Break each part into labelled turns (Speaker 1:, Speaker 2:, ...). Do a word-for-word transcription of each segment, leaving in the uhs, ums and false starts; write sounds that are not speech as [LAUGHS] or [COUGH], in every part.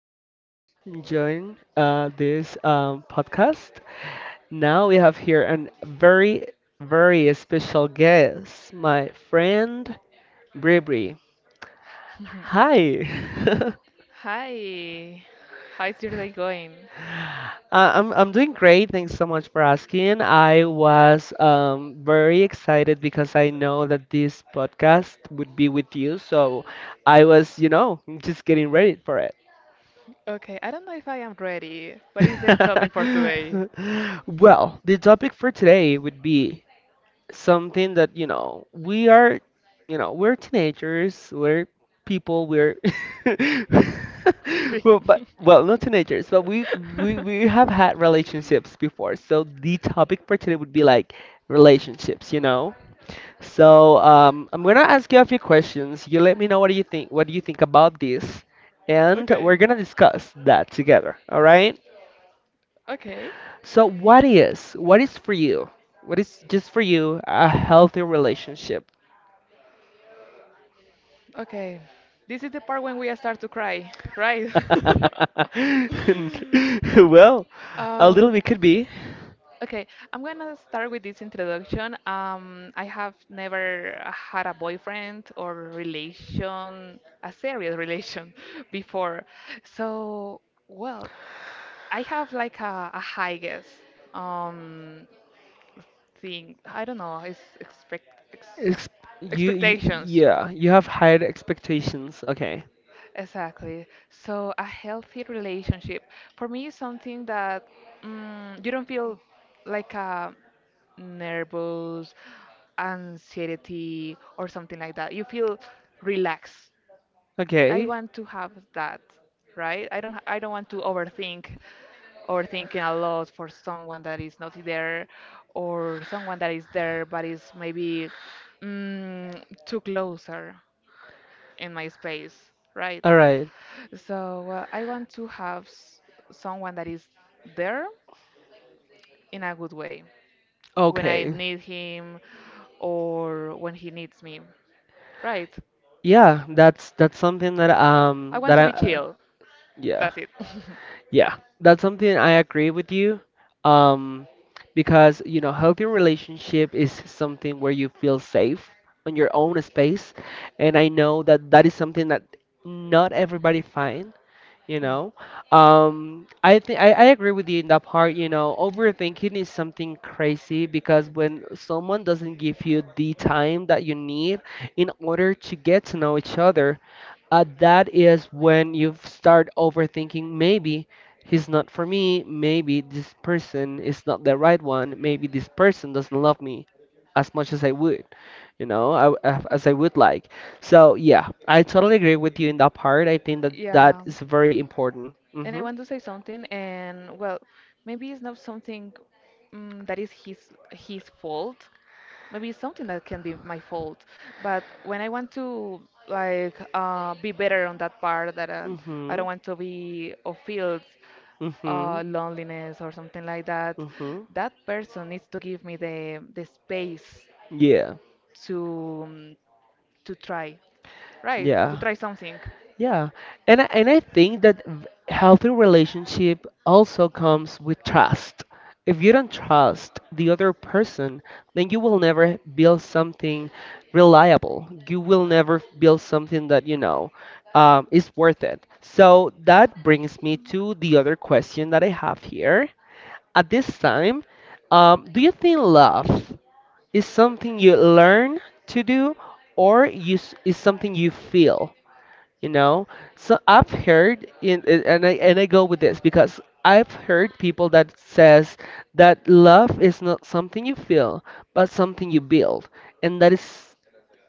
Speaker 1: for joining uh, this um, podcast. Now we have here a very, very special guest, my friend Bribri.
Speaker 2: [LAUGHS]
Speaker 1: Hi, [LAUGHS]
Speaker 2: Hi. How is your day going?
Speaker 1: I- I'm I'm doing great. Thanks so much for asking. I was um, very excited because I know that this podcast would be with you, so I was, you know, just getting ready for
Speaker 2: Okay, I don't know if I am ready. What is the topic for today?
Speaker 1: [LAUGHS] Well, the topic for today would be something that, you know, we are, you know, we're teenagers, we're people, we're [LAUGHS] well, but
Speaker 2: [LAUGHS]
Speaker 1: well, not teenagers, but we we we have had relationships before. So the topic for today would be like relationships, you know? So, um, I'm gonna ask you a few questions. You let me know what do you think, what do you think about this, and
Speaker 2: Okay.
Speaker 1: we're gonna discuss that together, all right?
Speaker 2: Okay.
Speaker 1: So what is what is for you? What is just for you a healthy relationship?
Speaker 2: Okay. This is the part when we start to cry, right?
Speaker 1: [LAUGHS]
Speaker 2: [LAUGHS]
Speaker 1: Well, a little
Speaker 2: Um,
Speaker 1: bit could be.
Speaker 2: Okay, I'm gonna start with this introduction. Um, I have never had a boyfriend or relation, a serious relation [LAUGHS] before. So, well, I have like a, a high guess um thing. I don't know, it's expect ex
Speaker 1: Ex- you, you
Speaker 2: expectations.
Speaker 1: yeah, you have higher expectations. Okay.
Speaker 2: Exactly. So a healthy relationship for me is something that mm, you don't feel like a nervous anxiety or something like that. You feel relaxed. I
Speaker 1: Okay.
Speaker 2: want to have that, right? I don't I don't want to overthink overthinking a lot for someone that is not there or someone that is there but is maybe mm, too closer in my space, right?
Speaker 1: All right.
Speaker 2: So uh, I want to have s- someone that is there in a good way when I
Speaker 1: Okay.
Speaker 2: need him or when he needs me. Right.
Speaker 1: Yeah, that's that's something that
Speaker 2: I
Speaker 1: um
Speaker 2: want
Speaker 1: that
Speaker 2: to be
Speaker 1: I
Speaker 2: chill.
Speaker 1: yeah.
Speaker 2: That's it. [LAUGHS]
Speaker 1: Yeah, that's something I agree with you. Um, because you know, healthy relationship is something where you feel safe on your own space, and I know that that is something that not everybody find you
Speaker 2: Hmm.
Speaker 1: know um i think I, I agree with you in that part, you know, overthinking is something crazy because when someone doesn't give you the time that you need in order to get to know each other, uh, that is when you start overthinking. Maybe he's not for me, maybe this person is not the right one, maybe this person doesn't love me as much as I would, you know I, as I would like. So yeah, I totally agree with you in that part. I think that that
Speaker 2: Yeah.
Speaker 1: is very important.
Speaker 2: And I
Speaker 1: Mhm.
Speaker 2: want to say something, and well, maybe it's not something um, that is his his fault. Maybe it's something that can be my fault. But when I want to like uh, be better on that part, that uh, I don't
Speaker 1: Mhm.
Speaker 2: want to be or feel uh,
Speaker 1: Mhm.
Speaker 2: loneliness or something like that,
Speaker 1: Mhm.
Speaker 2: that person needs to give me the the space
Speaker 1: Yeah.
Speaker 2: to um, to try, right? To
Speaker 1: Yeah.
Speaker 2: try something.
Speaker 1: Yeah. And I, and I think that v- healthy relationship also comes with trust. If you don't trust the other person, then you will never build something reliable. You will never build something that, you know, um, is worth it. So that brings me to the other question that I have here. At this time, um, do you think love is something you learn to do or you, s- is something you feel? You know, so I've heard in, in- and I and I go with this because I've heard people that says that love is not something you feel, but something you build, and that is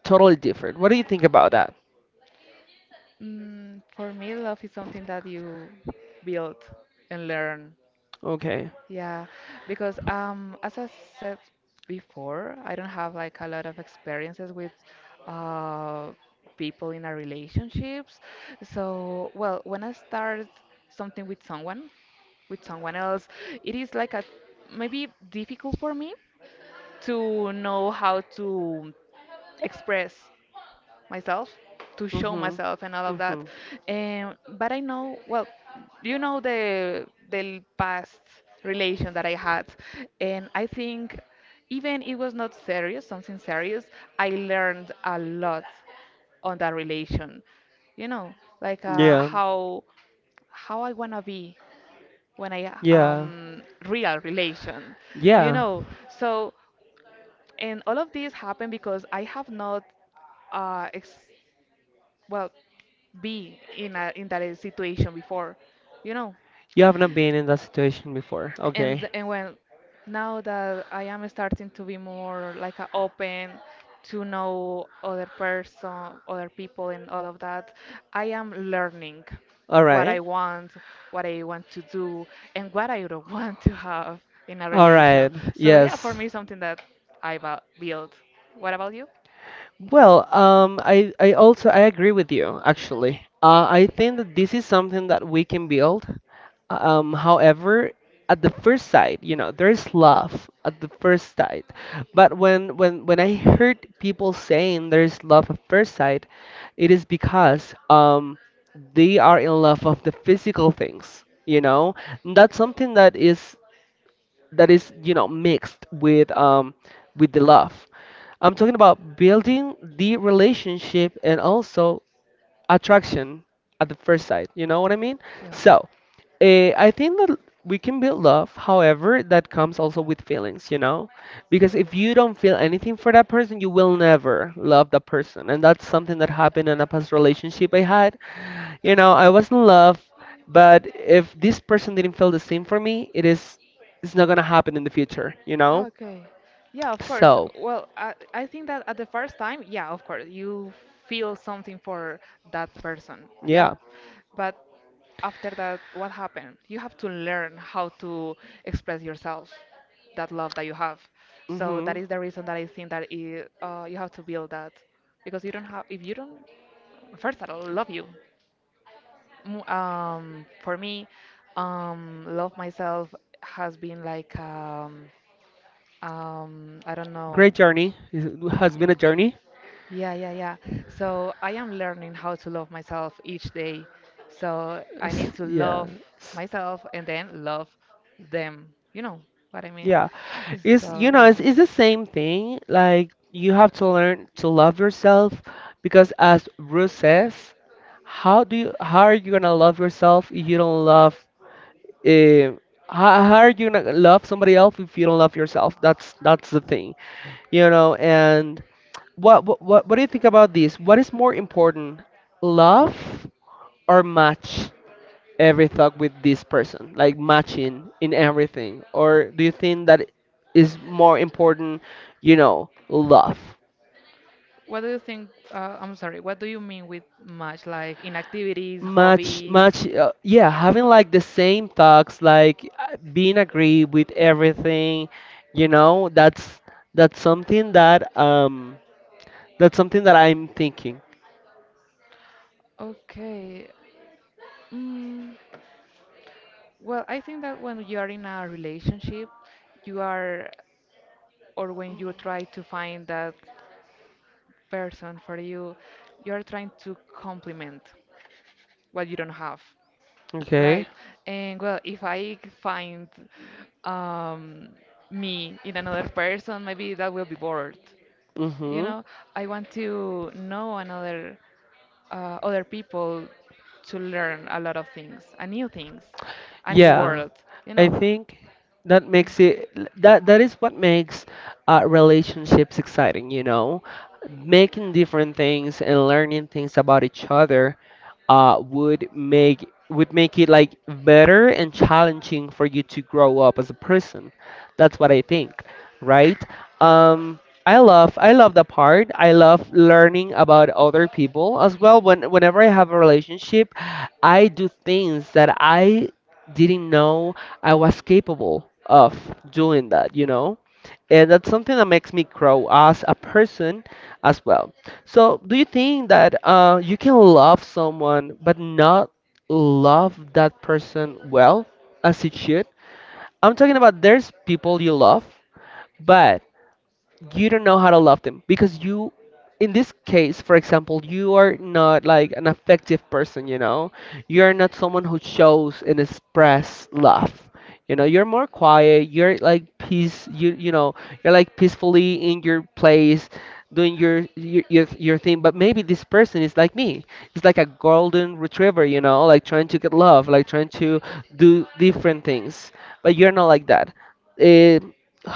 Speaker 1: totally different. What do you think about that?
Speaker 2: Mm, for me, love is something that you build and learn.
Speaker 1: Okay.
Speaker 2: Yeah, because um, as I said before, I don't have like a lot of experiences with uh, people in our relationships. So, well, when I start something with someone, with someone else, it is like a maybe difficult for me to know how to express myself to show
Speaker 1: Mhm.
Speaker 2: myself and all of that.
Speaker 1: Mhm.
Speaker 2: Um, but I know, well, you know the the past relation that I had, and I think even it was not serious, something serious. I learned a lot on that relation. You know, like uh,
Speaker 1: Yeah.
Speaker 2: how how I wanna be when I
Speaker 1: Yeah.
Speaker 2: um real relation. You
Speaker 1: Yeah.
Speaker 2: know, so and all of this happened because I have not uh, ex well be in a in that uh, situation before, you know.
Speaker 1: You have not been in that situation before. Okay.
Speaker 2: and and when now that I am starting to be more like a open to know other person, other people and all of that, I am learning
Speaker 1: All
Speaker 2: what I
Speaker 1: right.
Speaker 2: want, what I want to do, and what I don't [LAUGHS] want to have in a
Speaker 1: All
Speaker 2: relation.
Speaker 1: right.
Speaker 2: So yeah, for
Speaker 1: Yes.
Speaker 2: me something that i va- built. What about you?
Speaker 1: Well, um, I, I also I agree with you actually. Uh, I think that this is something that we can build. Um, however, at the first sight, you know, there's love at the first sight. But when when when I heard people saying there's love at first sight, it is because um they are in love of the physical things, you know. And that's something that is that is you know mixed with um with the love. I'm talking about building the relationship and also attraction at the first sight. You know what I mean?
Speaker 2: Yeah.
Speaker 1: So, uh, I think that we can build love. However, that comes also with feelings, you know? Because if you don't feel anything for that person, you will never love that person. And that's something that happened in a past relationship I had. You know, I was in love, but if this person didn't feel the same for me, it is it's not gonna happen in the future, you know?
Speaker 2: Okay. Yeah, of course.
Speaker 1: So,
Speaker 2: Well, I, I think that at the first time, yeah, of course, you feel something for that person. Yeah.
Speaker 1: yeah.
Speaker 2: But after that, what happened? You have to learn how to express yourself, that love that you have. So that
Speaker 1: Hmm.
Speaker 2: is the reason that I think that it, uh, you have to build that. Because you don't have, if you don't, first I all, love you. Mm, Um, for me, um, love myself has been like um, um, I don't know.
Speaker 1: Great journey. It has been a journey.
Speaker 2: Yeah, yeah, yeah. So I am learning how to love myself each day. So I need
Speaker 1: S-
Speaker 2: to
Speaker 1: Yeah.
Speaker 2: love myself and then love them. You know what I mean?
Speaker 1: Yeah. It's
Speaker 2: So
Speaker 1: you know,
Speaker 2: yeah.
Speaker 1: it's, it's the same thing. Like you have to learn to love yourself because as Ruth says, how do you how are you gonna love yourself if you don't love eh, how, how are you gonna love somebody else if you don't love yourself? That's that's the thing. You know, and what what what, what do you think about this? What is more important, love or match? Every thought with this person, like matching in everything? Or do you think that is more important, you know, love?
Speaker 2: What do you think? Uh, I'm sorry. What do you mean with much? Like in activities,
Speaker 1: Much,
Speaker 2: hobbies?
Speaker 1: much, uh, yeah, having like the same thoughts, like uh, being agree with everything, you know, that's that's something that um that's something that I'm thinking.
Speaker 2: Okay. Mm, well, I think that when you are in a relationship, you are, or when you try to find that person for you, you are trying to complement what you don't have.
Speaker 1: Okay.
Speaker 2: Right. And well, if I find um, me in another person, maybe that will be bored. You
Speaker 1: Mhm.
Speaker 2: know, I want to know another uh, other people to learn a lot of things, a new things, a new
Speaker 1: Yeah,
Speaker 2: world. You
Speaker 1: I
Speaker 2: know,
Speaker 1: think that makes it that that is what makes uh, relationships exciting, you know, making different things and learning things about each other. uh, would make would make it like better and challenging for you to grow up as a person. That's what I think, right?
Speaker 2: yeah.
Speaker 1: Um, I love I love the part. I love learning about other people as well. When whenever I have a relationship, I do things that I didn't know I was capable of doing that, you know? And that's something that makes me grow as a person as well. So, do you think that uh, you can love someone but not love that person well as it should? I'm talking about there's people you love, but you don't know how to love them because you, in this case for example, you are not like an affective person, you know, you're not someone who shows and express love, you know, you're more quiet you're like peace you you know you're like peacefully in your place doing your your your, your thing. But maybe this person is like me. It's like a golden retriever, you know, like trying to get love, like trying to do different things, but you're not like that. Eh,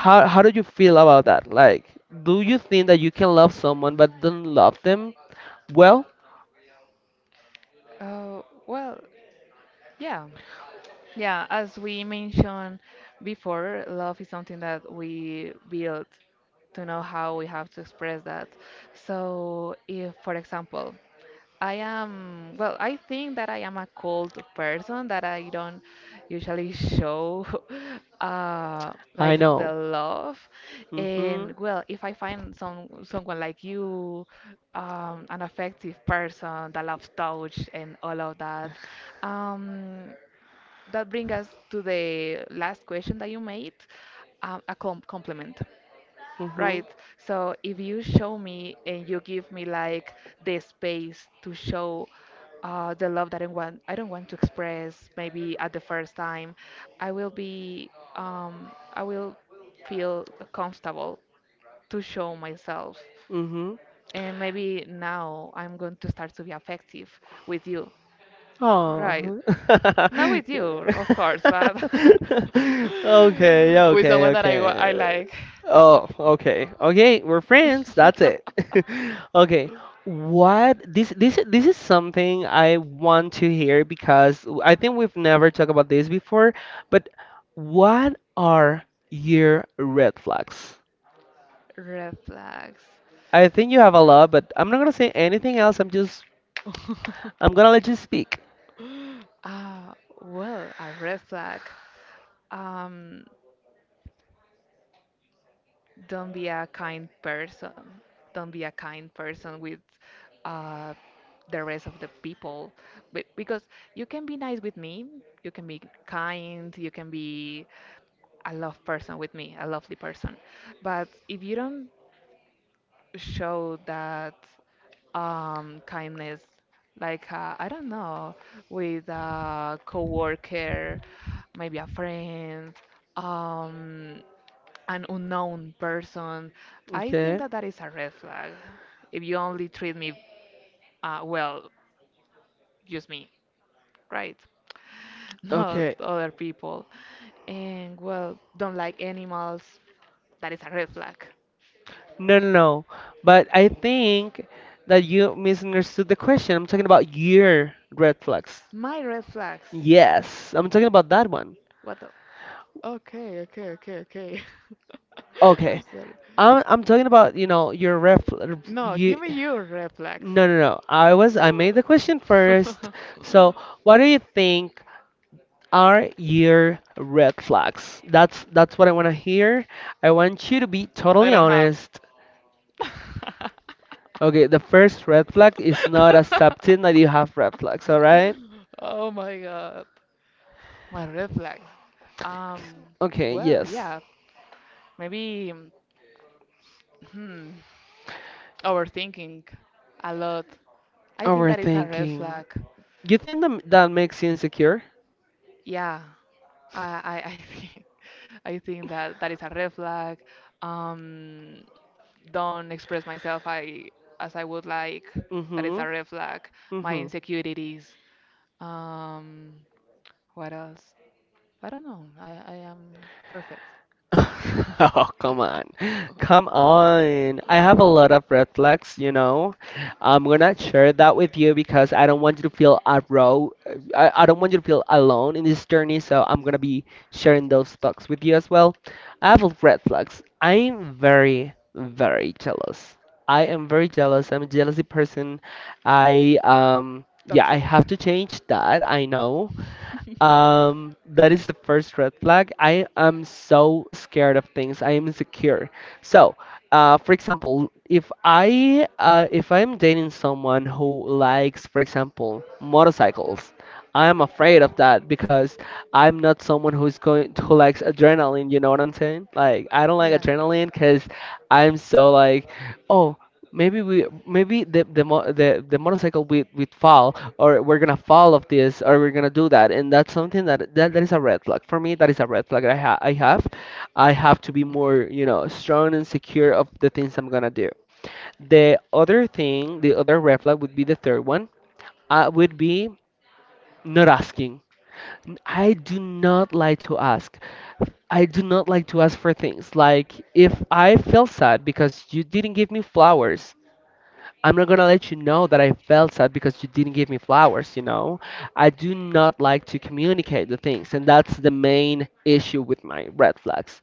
Speaker 1: how how do you feel about that? Like, do you think that you can love someone but don't love them? Well,
Speaker 2: Uh, well, yeah. Yeah, as we mentioned before, love is something that we build to know how we have to express that. So, if, for example, I am, well, I think that I am a cold person, that I don't usually show [LAUGHS] uh,
Speaker 1: I
Speaker 2: like the
Speaker 1: know.
Speaker 2: love.
Speaker 1: Mhm.
Speaker 2: And well, if I find some someone like you, um, an affective person that loves touch and all of that, um, that brings us to the last question that you made, um, a com compliment,
Speaker 1: Mhm.
Speaker 2: right? So if you show me and you give me like the space to show uh, the love that I want, I don't want to express maybe at the first time, I will be, um, I will feel comfortable to show myself.
Speaker 1: Mhm.
Speaker 2: And maybe now I'm going to start to be affective with you, right?
Speaker 1: Oh.
Speaker 2: Not with you,
Speaker 1: [LAUGHS]
Speaker 2: of course, but [LAUGHS]
Speaker 1: Okay,
Speaker 2: with
Speaker 1: okay,
Speaker 2: someone that I, wa- I
Speaker 1: okay.
Speaker 2: like.
Speaker 1: Oh, okay. Okay, we're friends. That's it.
Speaker 2: [LAUGHS]
Speaker 1: [LAUGHS] Okay. What this this this is something I want to hear because I think we've never talked about this before, but what are your red flags?
Speaker 2: Red flags.
Speaker 1: I think you have a lot, but I'm not gonna say anything else. I'm just I'm gonna let you speak.
Speaker 2: Ah, well, a red flag. Um, don't be a kind person. Don't be a kind person with uh, the rest of the people. Be- Because you can be nice with me, you can be kind, you can be a love person with me, a lovely person. But if you don't show that um, kindness, like uh, I don't know, with a coworker, maybe a friend, um, an unknown person. I think
Speaker 1: Okay.
Speaker 2: that that is a red flag. If you only treat me uh, well, just me, right? [LAUGHS] Not
Speaker 1: Okay.
Speaker 2: other people. And well, don't like animals. That is a red flag.
Speaker 1: No, no, no. But I think that you misunderstood the question. I'm talking about your red flags.
Speaker 2: My red flags.
Speaker 1: Yes, I'm talking about that one.
Speaker 2: What? Okay, okay, okay, okay. [LAUGHS] I'm
Speaker 1: Okay.
Speaker 2: sorry.
Speaker 1: I'm I'm talking about, you know, your red
Speaker 2: No,
Speaker 1: you
Speaker 2: give me your reflex.
Speaker 1: No, no, no. I was I made the question first.
Speaker 2: [LAUGHS]
Speaker 1: So, what do you think are your red flags? That's that's what I want to hear. I want you to be
Speaker 2: I
Speaker 1: totally
Speaker 2: don't have.
Speaker 1: honest.
Speaker 2: [LAUGHS]
Speaker 1: Okay, the first red flag is not accepting that you have red flags, all right?
Speaker 2: Oh my god. My reflex. Um,
Speaker 1: Okay,
Speaker 2: well,
Speaker 1: yes.
Speaker 2: yeah, maybe hmm, overthinking a lot. I think that is a red
Speaker 1: Overthinking.
Speaker 2: flag.
Speaker 1: You think that, that makes you insecure?
Speaker 2: Yeah, I, I I think [LAUGHS] I think that that is a red flag. Um, don't express myself I as I would like. That is
Speaker 1: Mm-hmm.
Speaker 2: a red flag. My
Speaker 1: Mm-hmm.
Speaker 2: insecurities. Um, what else? I don't know. I, I am perfect. [LAUGHS]
Speaker 1: [LAUGHS] Oh, come on. Come on. I have a lot of red flags, you know. I'm gonna share that with you because I don't want you to feel a row. I, I don't want you to feel alone in this journey, so I'm gonna be sharing those thoughts with you as well. I have red flags. I'm very, very jealous. I am very jealous. I'm a jealousy person. I um Yeah, I
Speaker 2: Toxic.
Speaker 1: have to change that. I know.
Speaker 2: [LAUGHS]
Speaker 1: Um, that is the first red flag. I am so scared of things. I am insecure. So, uh, for example, if I uh, if I'm dating someone who likes, for example, motorcycles, I'm afraid of that because I'm not someone who's going who likes adrenaline. You know what I'm saying? Like I don't like
Speaker 2: Yeah.
Speaker 1: adrenaline because I'm so like, oh, maybe we maybe the the mo- the, the motorcycle we we fall or we're gonna fall off this or we're gonna do that, and that's something that that, that is a red flag for me. That is a red flag I, ha- I have. I have to be more, you know, strong and secure of the things I'm gonna do. The other thing, the other red flag would be the third one, uh, would be not asking. I do not like to ask. I do not like to ask for things. Like, if I feel sad because you didn't give me flowers, I'm not gonna let you know that I felt sad because you didn't give me flowers, you know? I do not like to communicate the things, and that's the main issue with my red flags.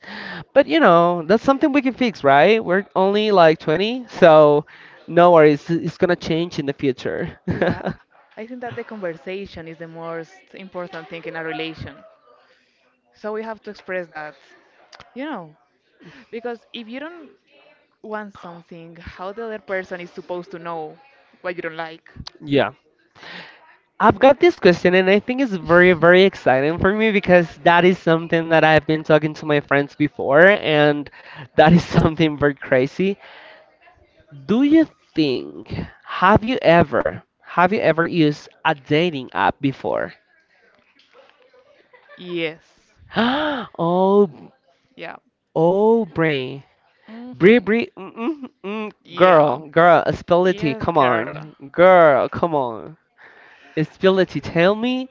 Speaker 1: But you know, that's something we can fix, right? We're only like twenty, so no worries, it's gonna change in the future.
Speaker 2: Yeah,
Speaker 1: [LAUGHS]
Speaker 2: I think that the conversation is the most important thing in a relation. So we have to express that, you know, because if you don't want something, how the other person is supposed to know what you don't like?
Speaker 1: Yeah. I've got this question, and I think it's very, very exciting for me because that is something that I've been talking to my friends before, and that is [LAUGHS] something very crazy. Do you think have you ever have you ever used a dating app before?
Speaker 2: Yes.
Speaker 1: [GASPS] Oh,
Speaker 2: Yeah.
Speaker 1: oh, Brie, Brie,
Speaker 2: Mm-hmm.
Speaker 1: Brie, mm, mm,
Speaker 2: Really?
Speaker 1: mm,
Speaker 2: Oh, yeah.
Speaker 1: girl, girl, uh, spill the tea.
Speaker 2: Yes,
Speaker 1: Come
Speaker 2: girl.
Speaker 1: on, girl, come on. Uh, spill the tea. Tell me,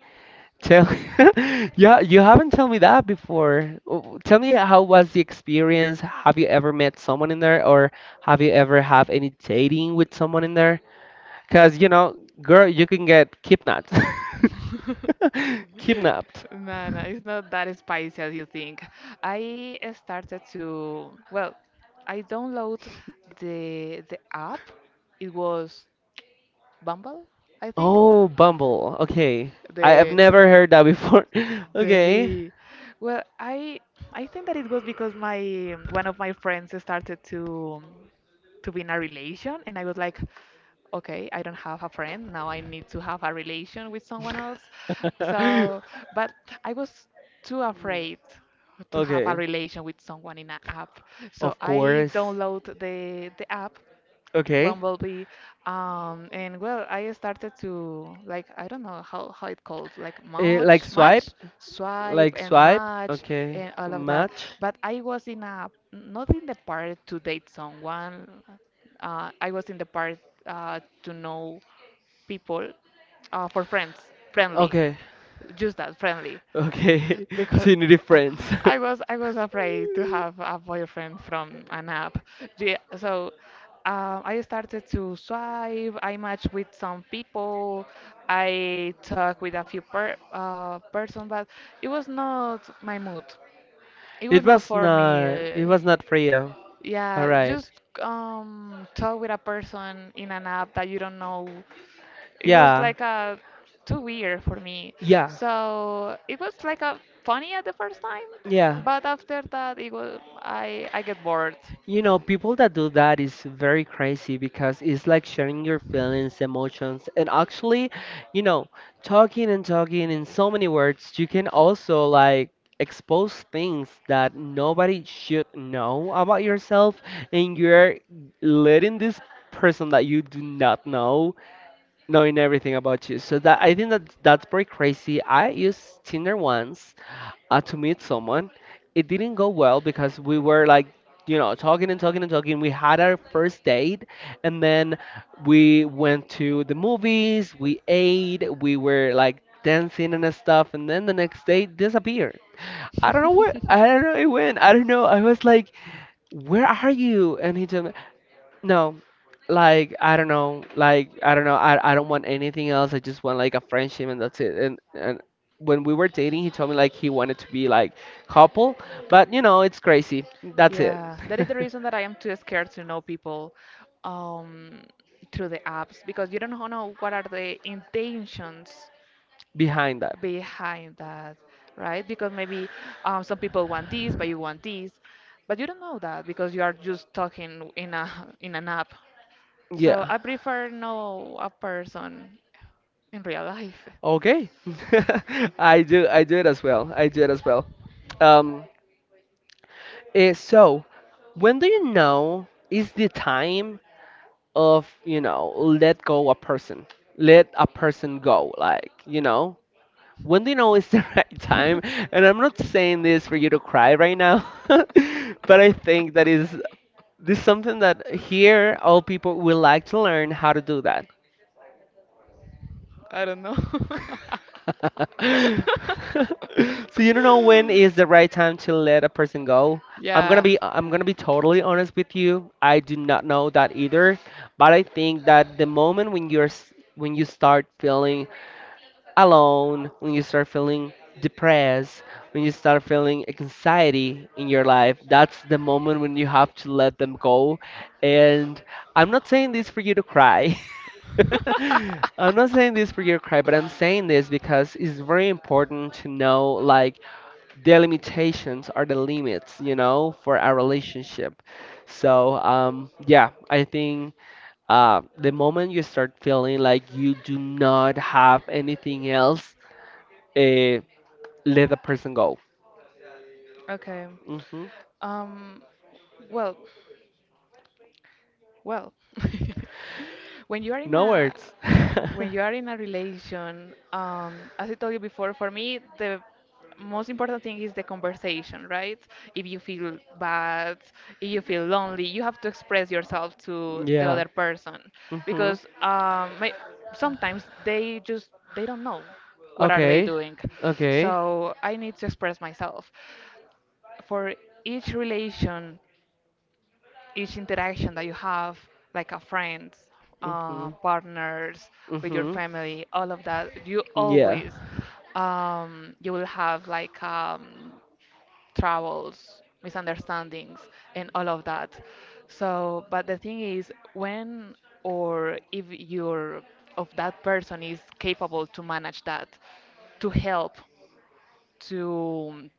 Speaker 1: tell, [LAUGHS] yeah, you haven't told me that before. Oh, tell me, how was the experience? Have you ever met someone in there, or have you ever have any dating with someone in there? Cause you know, girl, you can get kidnapped. [LAUGHS] Kidnapped.
Speaker 2: [LAUGHS] Man, it's not that spicy as you think. I started to, well, I download the the app. It was Bumble, I think.
Speaker 1: Oh, Bumble. Okay. I have
Speaker 2: The
Speaker 1: never heard that before. [LAUGHS] Okay.
Speaker 2: the well, I I think that it was because my one of my friends started to to be in a relation, and I was like, okay, I don't have a friend. Now I need to have a relation with someone else. So,
Speaker 1: [LAUGHS]
Speaker 2: but I was too afraid to have a
Speaker 1: Okay.
Speaker 2: relation with someone in an app. So
Speaker 1: Of
Speaker 2: I
Speaker 1: course.
Speaker 2: download the the app
Speaker 1: Okay.
Speaker 2: Bumblebee. Um, and well, I started to like I don't know how how it called like
Speaker 1: Eh, like
Speaker 2: match,
Speaker 1: swipe?
Speaker 2: match, swipe,
Speaker 1: Like
Speaker 2: and
Speaker 1: swipe?
Speaker 2: match,
Speaker 1: Okay.
Speaker 2: and all of that.
Speaker 1: Match?
Speaker 2: But I was in a not in the part to date someone. Uh, I was in the part uh, to know people uh, for friends, friendly,
Speaker 1: Okay.
Speaker 2: just that friendly
Speaker 1: Okay. [LAUGHS]
Speaker 2: because
Speaker 1: So you need a
Speaker 2: I,
Speaker 1: friends. [LAUGHS]
Speaker 2: I was I was afraid to have a boyfriend from an app. Yeah, so uh, I started to swipe. I matched with some people. I talked with a few per uh, person, but it was not my mood. It was
Speaker 1: It
Speaker 2: not
Speaker 1: was
Speaker 2: for me.
Speaker 1: not. It
Speaker 2: uh,
Speaker 1: was not for you. All
Speaker 2: yeah,
Speaker 1: right.
Speaker 2: just um talk with a person in an app that you don't know, it was
Speaker 1: Yeah.
Speaker 2: like a too weird for me.
Speaker 1: Yeah.
Speaker 2: So it was like a funny at the first time,
Speaker 1: Yeah.
Speaker 2: but after that it was I I get bored.
Speaker 1: You know, people that do that is very crazy because it's like sharing your feelings, emotions, and actually, you know, talking and talking in so many words, you can also like expose things that nobody should know about yourself, and you're letting this person that you do not know knowing everything about you. So that I think that that's pretty crazy. I used Tinder once uh, to meet someone. It didn't go well because we were like, you know, talking and talking and talking. We had our first date, and then we went to the movies, we ate, we were like dancing and stuff, and then the next day disappeared. I don't know where, I don't
Speaker 2: [LAUGHS]
Speaker 1: know where it went. I don't know. I was like, where are you? And he told me, no, like I don't know, like I don't know, I I don't want anything else. I just want like a friendship and that's it. And and when we were dating, he told me like he wanted to be like couple, but you know, it's crazy. That's it.
Speaker 2: Yeah, that is the reason that I am too scared to know people um, through the apps because you don't know what are the intentions
Speaker 1: [LAUGHS] Behind that.
Speaker 2: behind that, right? Because maybe um, some people want this, but you want this, but you don't know that because you are just talking in a [LAUGHS] in an app. So
Speaker 1: Yeah.
Speaker 2: I prefer know a person in real life.
Speaker 1: Okay. [LAUGHS] I do I do it as well. I do it as well. Um eh, so when do you know is the time of, you know, let go a person? Let a person go, like, you know? When do you know it's the [LAUGHS] right time? And I'm
Speaker 2: [LAUGHS]
Speaker 1: not saying this for you to cry right now, [LAUGHS] but I think that is this is something that here all people will like to learn how to do that.
Speaker 2: I don't know.
Speaker 1: [LAUGHS] So you don't know when is the right time to let a person go.
Speaker 2: [LAUGHS]
Speaker 1: I'm gonna
Speaker 2: yeah.
Speaker 1: be I'm gonna be totally honest with you. I do not know that either, but I think that the moment when you're s- when you start feeling alone, when you start feeling depressed, when you start feeling anxiety in your life, that's the moment when you have to let them go. And I'm not saying this for you to cry. [LAUGHS] I'm not saying this for you to cry, but I'm saying this because it's very important to know like the
Speaker 2: [LAUGHS]
Speaker 1: limitations are the limits, you know, for our relationship. So, um, yeah, I think uh, the moment you start feeling like you do not have anything else, uh, let the person go.
Speaker 2: Okay.
Speaker 1: hmm
Speaker 2: Um, well, Well, [LAUGHS] when you are in
Speaker 1: No
Speaker 2: a
Speaker 1: words. [LAUGHS]
Speaker 2: when you are in a relation, um, as I told you before, for me the most important thing is the conversation, right? If you feel bad, if you feel lonely, you have to express yourself to the
Speaker 1: Yeah.
Speaker 2: other person
Speaker 1: hmm
Speaker 2: because um, may, sometimes they just they don't know what are they
Speaker 1: Okay.
Speaker 2: doing.
Speaker 1: Okay.
Speaker 2: So I need to express myself. For each relation, each interaction that you have, like a friends,
Speaker 1: hmm
Speaker 2: uh, partners, with your
Speaker 1: hmm
Speaker 2: family, all of that, you
Speaker 1: Yeah.
Speaker 2: always um, you will have like um, troubles, misunderstandings, and all of that. So, but the thing is, when or if you're of that person is capable to manage that, to help, to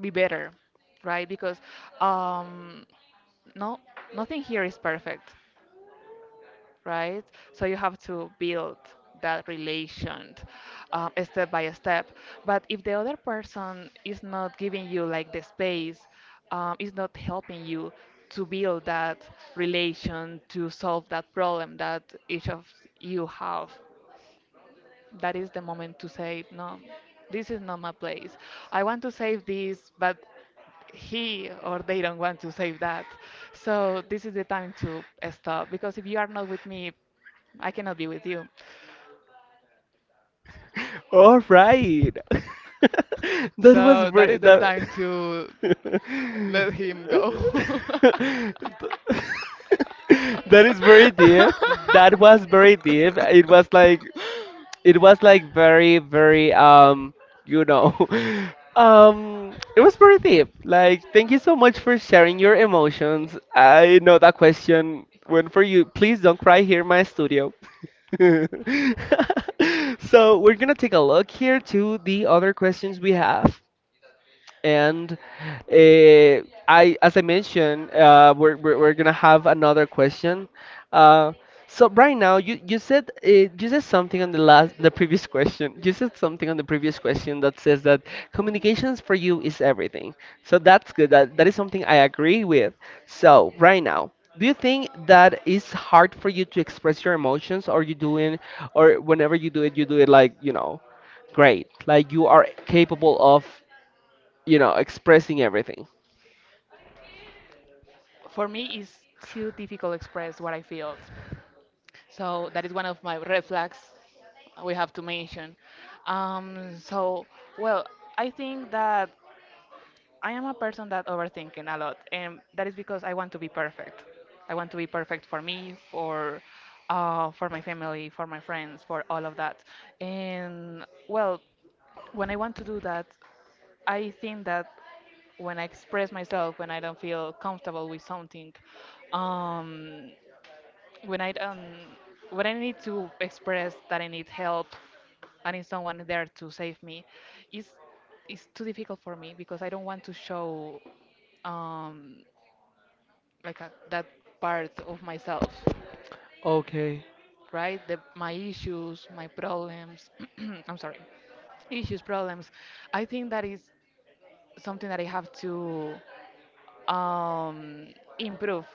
Speaker 2: be better, right? Because um, no, nothing here is perfect, right? So you have to build that relation um, step by step. But if the other person is not giving you like the space, um, is not helping you to build that relation, to solve that problem that each of you have, that is the moment to say, no, this is not my place. I want to save this, but he or they don't want to save that. So this is the time to uh, stop because if you are not with me, I cannot be with you.
Speaker 1: All right. [LAUGHS] that was
Speaker 2: So that
Speaker 1: br-
Speaker 2: is the
Speaker 1: that.
Speaker 2: time to
Speaker 1: [LAUGHS]
Speaker 2: let him go.
Speaker 1: That is very deep.
Speaker 2: [LAUGHS]
Speaker 1: That was very deep. It was like it was like very very um you know [LAUGHS] um it was very deep. Like thank you so much for sharing your emotions. I know that question went for you. Please don't cry here in my studio. [LAUGHS] So we're gonna take a look here to the other questions we have. And uh, I, as I mentioned, uh, we're, we're, we're gonna have another question. Uh, so right now, you, you said uh, you said something on the last the previous question. You said something on the previous question that says that communications for you is everything. So that's good. That that is something I agree with. So right now, do you think that it's hard for you to express your emotions, or you doing, or whenever you do it, you do it like you know, great, like you are capable of, you know, expressing everything.
Speaker 2: For me, it's too difficult to express what I feel. So that is one of my red flags we have to mention. Um, so, well, I think that I am a person that overthinking a lot, and that is because I want to be perfect. I want to be perfect for me, for uh, for my family, for my friends, for all of that. And well, when I want to do that, I think that when I express myself, when I don't feel comfortable with something, um, when I don't, when I need to express that I need help, I need someone there to save me, it's it's too difficult for me because I don't want to show, um, like a, that part of myself,
Speaker 1: Okay,
Speaker 2: right? The, my issues, my problems. [CLEARS THROAT] I'm sorry, issues, problems. I think that is something that I have to. um, improve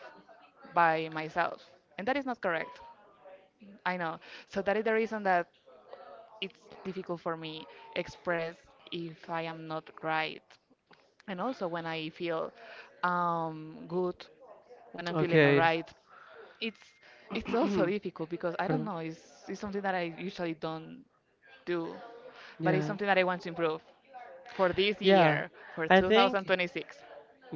Speaker 2: by myself. And that is not correct. I know. So that is the reason that it's difficult for me express if I am not right. And also when I feel um, good, when I'm feeling
Speaker 1: okay.
Speaker 2: alright, it's it's also
Speaker 1: [CLEARS THROAT]
Speaker 2: difficult because I don't
Speaker 1: Pardon.
Speaker 2: know. It's it's something that I usually don't do, but it's
Speaker 1: Yeah,
Speaker 2: something that I want to improve for this
Speaker 1: yeah.
Speaker 2: year, for
Speaker 1: I think
Speaker 2: two thousand twenty-six.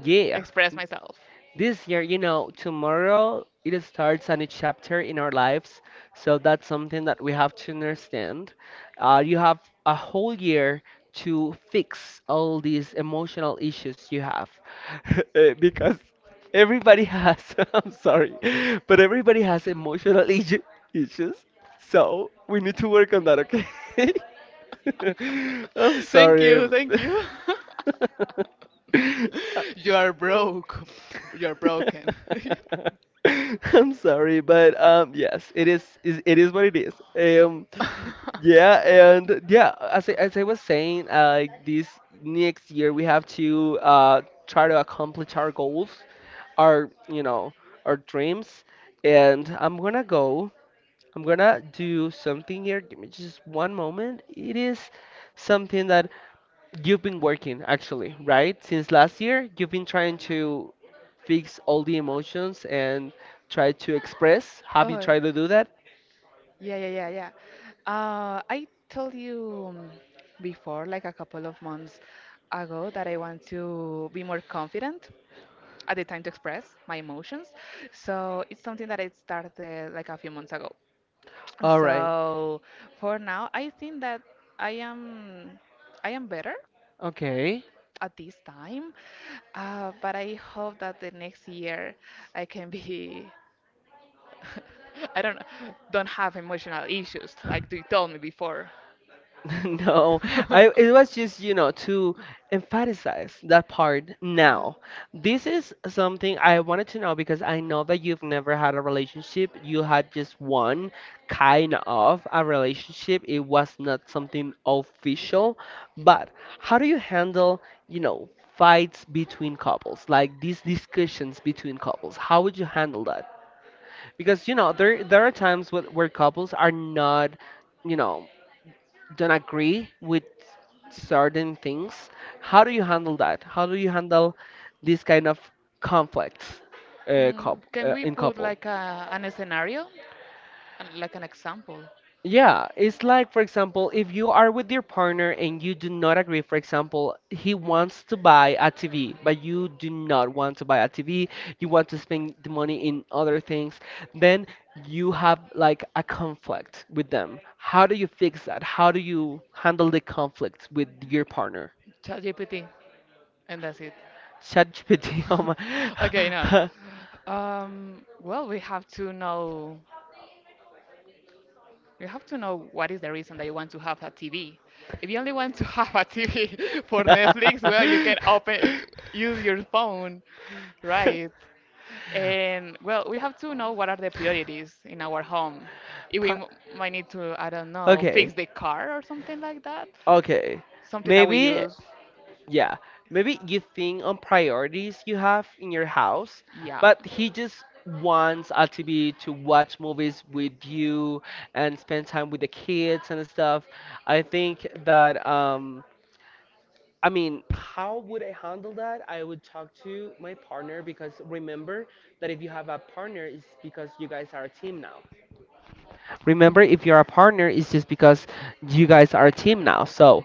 Speaker 1: Yeah,
Speaker 2: Express myself.
Speaker 1: this year, you know, tomorrow it starts a new chapter in our lives. So that's something that we have to understand. Uh, you have a whole year to fix all these emotional issues you have. [LAUGHS] Eh, because everybody has, [LAUGHS] I'm sorry, but everybody has emotional [LAUGHS] issu- issues. So we need to work on that, okay? [LAUGHS] I'm
Speaker 2: Thank
Speaker 1: sorry.
Speaker 2: you, thank you. [LAUGHS]
Speaker 1: [LAUGHS] [LAUGHS]
Speaker 2: You are broke. You're broken. [LAUGHS]
Speaker 1: [LAUGHS] I'm sorry, but um, yes, it is, is it is what it is. Um, yeah, and yeah, as I, as I was saying, uh, like this next year we have to uh try to accomplish our goals, our you know our dreams, and I'm gonna go. I'm gonna do something here. Give me just one moment. It is something that you've been working actually, right? Since last year, you've been trying to fix all the emotions and try to express. Have you
Speaker 2: Oh,
Speaker 1: tried to do that?
Speaker 2: yeah, yeah, yeah, yeah. Uh, I told you um, before, like a couple of months ago, that I want to be more confident at the time to express my emotions. So it's something that I started like a few months ago.
Speaker 1: All right.
Speaker 2: So for now, I think that I am I am better
Speaker 1: Okay.
Speaker 2: at this time, uh, but I hope that the next year I can be, [LAUGHS] I don't know, don't have emotional issues like you told me before.
Speaker 1: [LAUGHS] No, I it was
Speaker 2: [LAUGHS]
Speaker 1: just, you know, to emphasize that part
Speaker 2: Uh,
Speaker 1: now. This is something I wanted to know because I know that you've never had a relationship. You had just one kind of a relationship. It was not something official, but how do you handle, you know, fights between couples, like these discussions between couples? How would you handle that? Because, you know, there there are times where, where couples are not you know don't agree with certain things. How do you handle that? How do you handle this kind of conflicts uh, coup
Speaker 2: mm, can
Speaker 1: uh,
Speaker 2: we
Speaker 1: in
Speaker 2: put
Speaker 1: couple?
Speaker 2: like a, an scenario? An- like an example,
Speaker 1: Yeah, it's like, for example, if you are with your partner and you do not agree, for example, he wants to buy a T V, but you do not want to buy a T V, you want to spend the money in other things, then you have like a conflict with them. How do you fix that? How do you handle the conflict with your partner?
Speaker 2: ChatGPT, and that's it. [LAUGHS]
Speaker 1: ChatGPT. Oh
Speaker 2: Okay, no.
Speaker 1: my.
Speaker 2: Um, well, we have to know we have to know what is the reason that you want to have a T V. If you only want to [LAUGHS] have a T V [LAUGHS] for Netflix,
Speaker 1: [LAUGHS] [LAUGHS]
Speaker 2: well, you can open use your phone, right? And well, we have to know what are the priorities in our home. If we
Speaker 1: Pri-
Speaker 2: m- might need to, I don't know, fix
Speaker 1: okay.
Speaker 2: the car or something like that,
Speaker 1: Okay.
Speaker 2: something that we
Speaker 1: Maybe.
Speaker 2: use.
Speaker 1: Yeah, maybe you think on priorities you have in your house,
Speaker 2: Yeah.
Speaker 1: but he just wants us to to watch movies with you and spend time with the kids and stuff. I think that um I mean, how would I handle that? I would talk to my partner because remember that if you have a partner, it's because you guys are a team now. Remember, if you're a partner, it's just because you guys are a team now. So,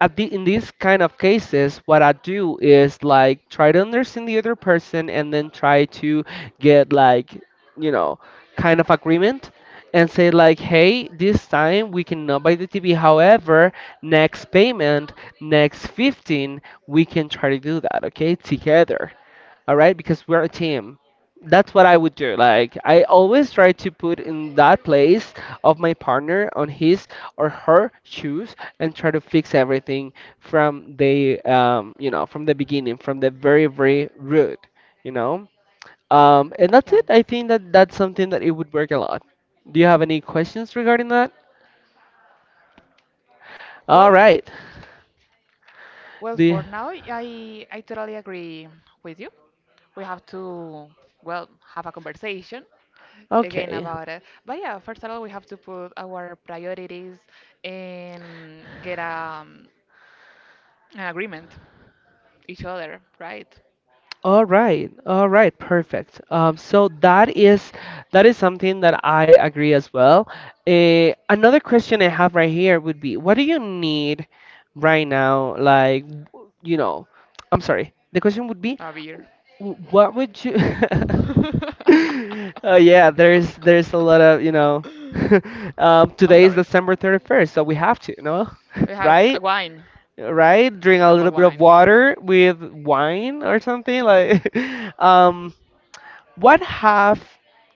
Speaker 1: at the, in these kind of cases, what I do is like try to understand the other person and then try to get like, you know, kind of agreement and say like, hey, this time we cannot buy the T V. However, next payment, next fifteen, we can try to do that, okay, together, all right, because we're a team. That's what I would do. Like I always try to put in that place of my partner, on his or her shoes, and try to fix everything from the um, you know from the beginning, from the very very root, you know. Um, and that's
Speaker 2: Yeah.
Speaker 1: it. I think that that's something that it would work a lot. Do you have any questions regarding that? All
Speaker 2: Well,
Speaker 1: right.
Speaker 2: well,
Speaker 1: the
Speaker 2: for now, I I totally agree with you. We have to, well, have a conversation again
Speaker 1: Okay.
Speaker 2: about it. But yeah, first of all, we have to put our priorities and get um, an agreement each other, right?
Speaker 1: All right, all right, perfect. Um, so that is that is something that I agree as well. Uh, another question I have right here would be, what do you need right now? Like, w- you know, I'm sorry. The question would be,
Speaker 2: A beer.
Speaker 1: w- what would you? [LAUGHS] Oh yeah, there's there's a lot of you know. [LAUGHS] Um,
Speaker 2: [LAUGHS] I'm
Speaker 1: today is
Speaker 2: sorry.
Speaker 1: December thirty-first, so we have to, no,
Speaker 2: We
Speaker 1: [LAUGHS]
Speaker 2: have a
Speaker 1: right?
Speaker 2: wine,
Speaker 1: Right? Drink a
Speaker 2: cup of
Speaker 1: little bit of
Speaker 2: wine.
Speaker 1: water with wine or something like. [LAUGHS] Um, what have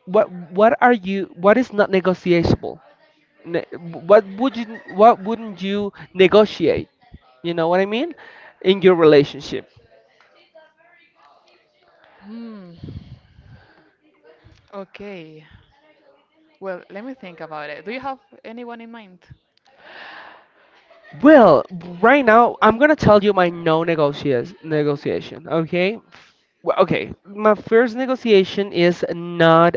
Speaker 1: what what are you, what is not negotiable? Ne- what would you, what wouldn't you negotiate? You know what I mean? In your relationship.
Speaker 2: Hmm. Okay. Well, let me think about it. Do you have anyone in mind?
Speaker 1: Well, right now I'm gonna tell you my no negotias negotiation. Okay. Well, okay. My first negotiation is not.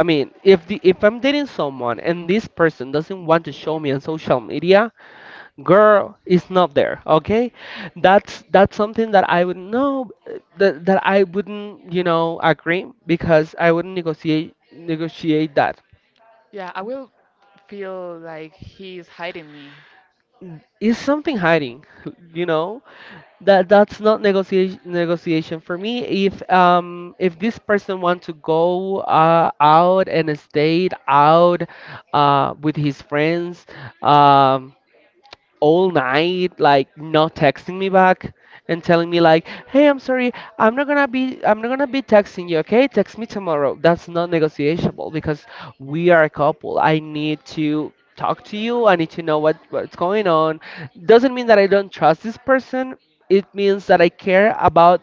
Speaker 1: I mean, if the if I'm dating someone and this person doesn't want to show me on social media, girl is not there, okay? that's that's something that I would know that, that I wouldn't you know agree, because I wouldn't negotiate negotiate that.
Speaker 2: Yeah, I will feel like he's hiding me.
Speaker 1: Is something hiding [LAUGHS] you know. That that's not negotiation negotiation for me. If um if this person wants to go uh, out and stay out uh with his friends, um all night, like not texting me back and telling me like, "Hey, I'm sorry, I'm not gonna be, I'm not gonna be texting you. Okay, text me tomorrow." That's not negotiable because we are a couple. I need to talk to you. I need to know what what's going on. Doesn't mean that I don't trust this person. It means that I care about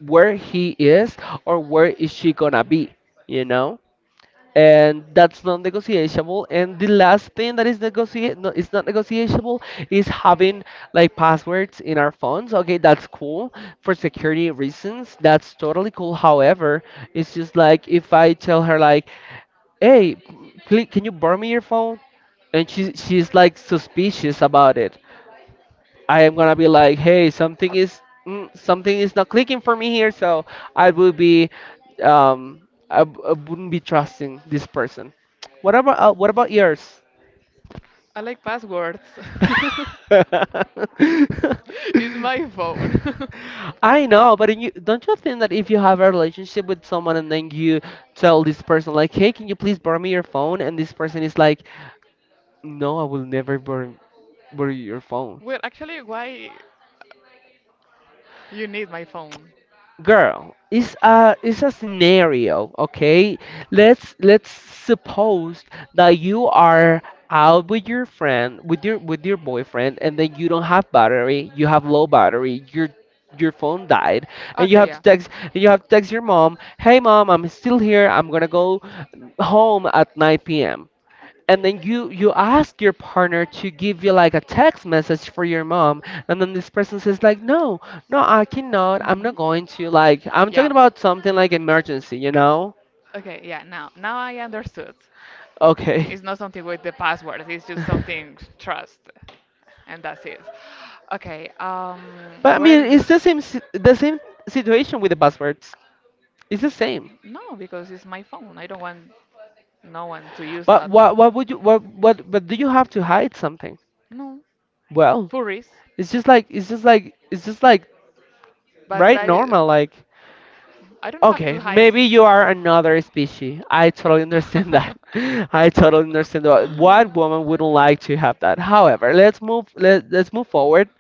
Speaker 1: where he is or where is she gonna be. You know? And that's not negotiable. And the last thing that is negotiate no, it's not negotiable is having like passwords in our phones. Okay, that's cool for security reasons, that's totally cool. However, it's just like, if I tell her like, hey, pl- can you borrow me your phone? And she she's like suspicious about it, I am gonna be like, hey, something is mm, something is not clicking for me here. So I will be um I, w- I wouldn't be trusting this person. What about uh, what about yours?
Speaker 2: I like passwords. [LAUGHS]
Speaker 1: [LAUGHS]
Speaker 2: It's my phone. [LAUGHS]
Speaker 1: I know, but you, don't you think that if you have a relationship with someone and then you tell this person like, "Hey, can you please borrow me your phone?" and this person is like, "No, I will never borrow, borrow your phone."
Speaker 2: Well, actually, why you need my phone?
Speaker 1: Girl, it's a it's a scenario. Okay, let's let's suppose that you are out with your friend, with your with your boyfriend, and then you don't have battery, you have low battery, your your phone died, and you
Speaker 2: Okay,
Speaker 1: have to
Speaker 2: yeah.
Speaker 1: text, and you have to text your mom, hey mom, I'm still here, I'm gonna go home at nine p.m. And then you you ask your partner to give you like a text message for your mom, and then this person says like, no, no, I cannot, I'm
Speaker 2: Hmm.
Speaker 1: not going to, like, I'm
Speaker 2: Yeah.
Speaker 1: talking about something like emergency, you know?
Speaker 2: Okay, yeah, now now I understood.
Speaker 1: Okay,
Speaker 2: It's not something with the passwords, it's just something trust and that's it. Okay, um
Speaker 1: but I mean
Speaker 2: well
Speaker 1: it's the same si- the same situation with the buzzwords, it's the same.
Speaker 2: no, because it's my phone. I don't want no one to use
Speaker 1: But
Speaker 2: that.
Speaker 1: what what would you what what but do you have to hide something?
Speaker 2: No,
Speaker 1: Well,
Speaker 2: furries.
Speaker 1: it's just like it's just like it's just like
Speaker 2: But
Speaker 1: right,
Speaker 2: that I
Speaker 1: normal like.
Speaker 2: I don't have
Speaker 1: Okay,
Speaker 2: to hide.
Speaker 1: maybe you are another species. I totally understand that.
Speaker 2: [LAUGHS]
Speaker 1: [LAUGHS] I totally understand that. What woman wouldn't like to have that? However, let's move let, let's move forward.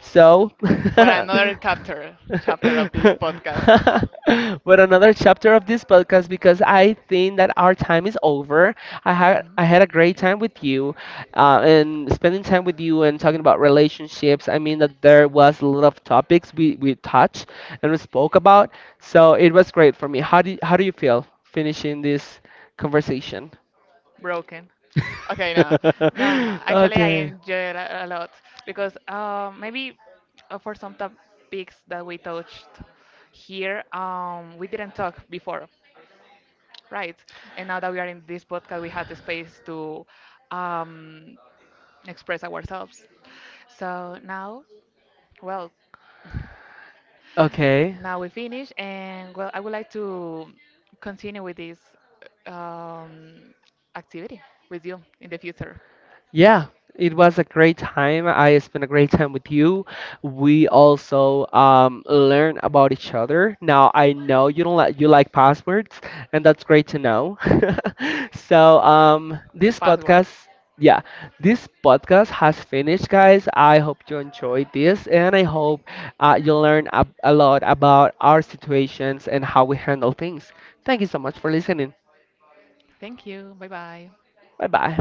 Speaker 1: So [LAUGHS] [LAUGHS]
Speaker 2: For
Speaker 1: but
Speaker 2: another chapter, chapter of this podcast.
Speaker 1: another chapter of this podcast, because I think that our time is over. I had I had a great time with you, uh, and spending time with you and talking about relationships. I mean that there was a lot of topics we we touched and we spoke about. So it was great for me. How do you, how do you feel finishing this conversation?
Speaker 2: Broken. Okay, no, no.
Speaker 1: [LAUGHS]
Speaker 2: Actually, I
Speaker 1: Okay.
Speaker 2: enjoy it a a lot because uh, maybe uh, for some topics that we touched here, um, we didn't talk before, right? And now that we are in this podcast, we had the space to um, express ourselves. So now, well,
Speaker 1: Okay.
Speaker 2: now we finish, and well, I would like to continue with this um, activity with you in the future.
Speaker 1: Yeah, it was a great time. I spent a great time with you. We also um, learned about each other. Now I know you don't like you like passwords, and that's great to know. [LAUGHS] So um,
Speaker 2: [LAUGHS]
Speaker 1: this
Speaker 2: Password.
Speaker 1: podcast, yeah, this podcast has finished, guys. I hope you enjoyed this, and I hope uh, you learn a, a lot about our situations and how we handle things. Thank you so much for listening.
Speaker 2: Thank you. Bye bye.
Speaker 1: Bye bye.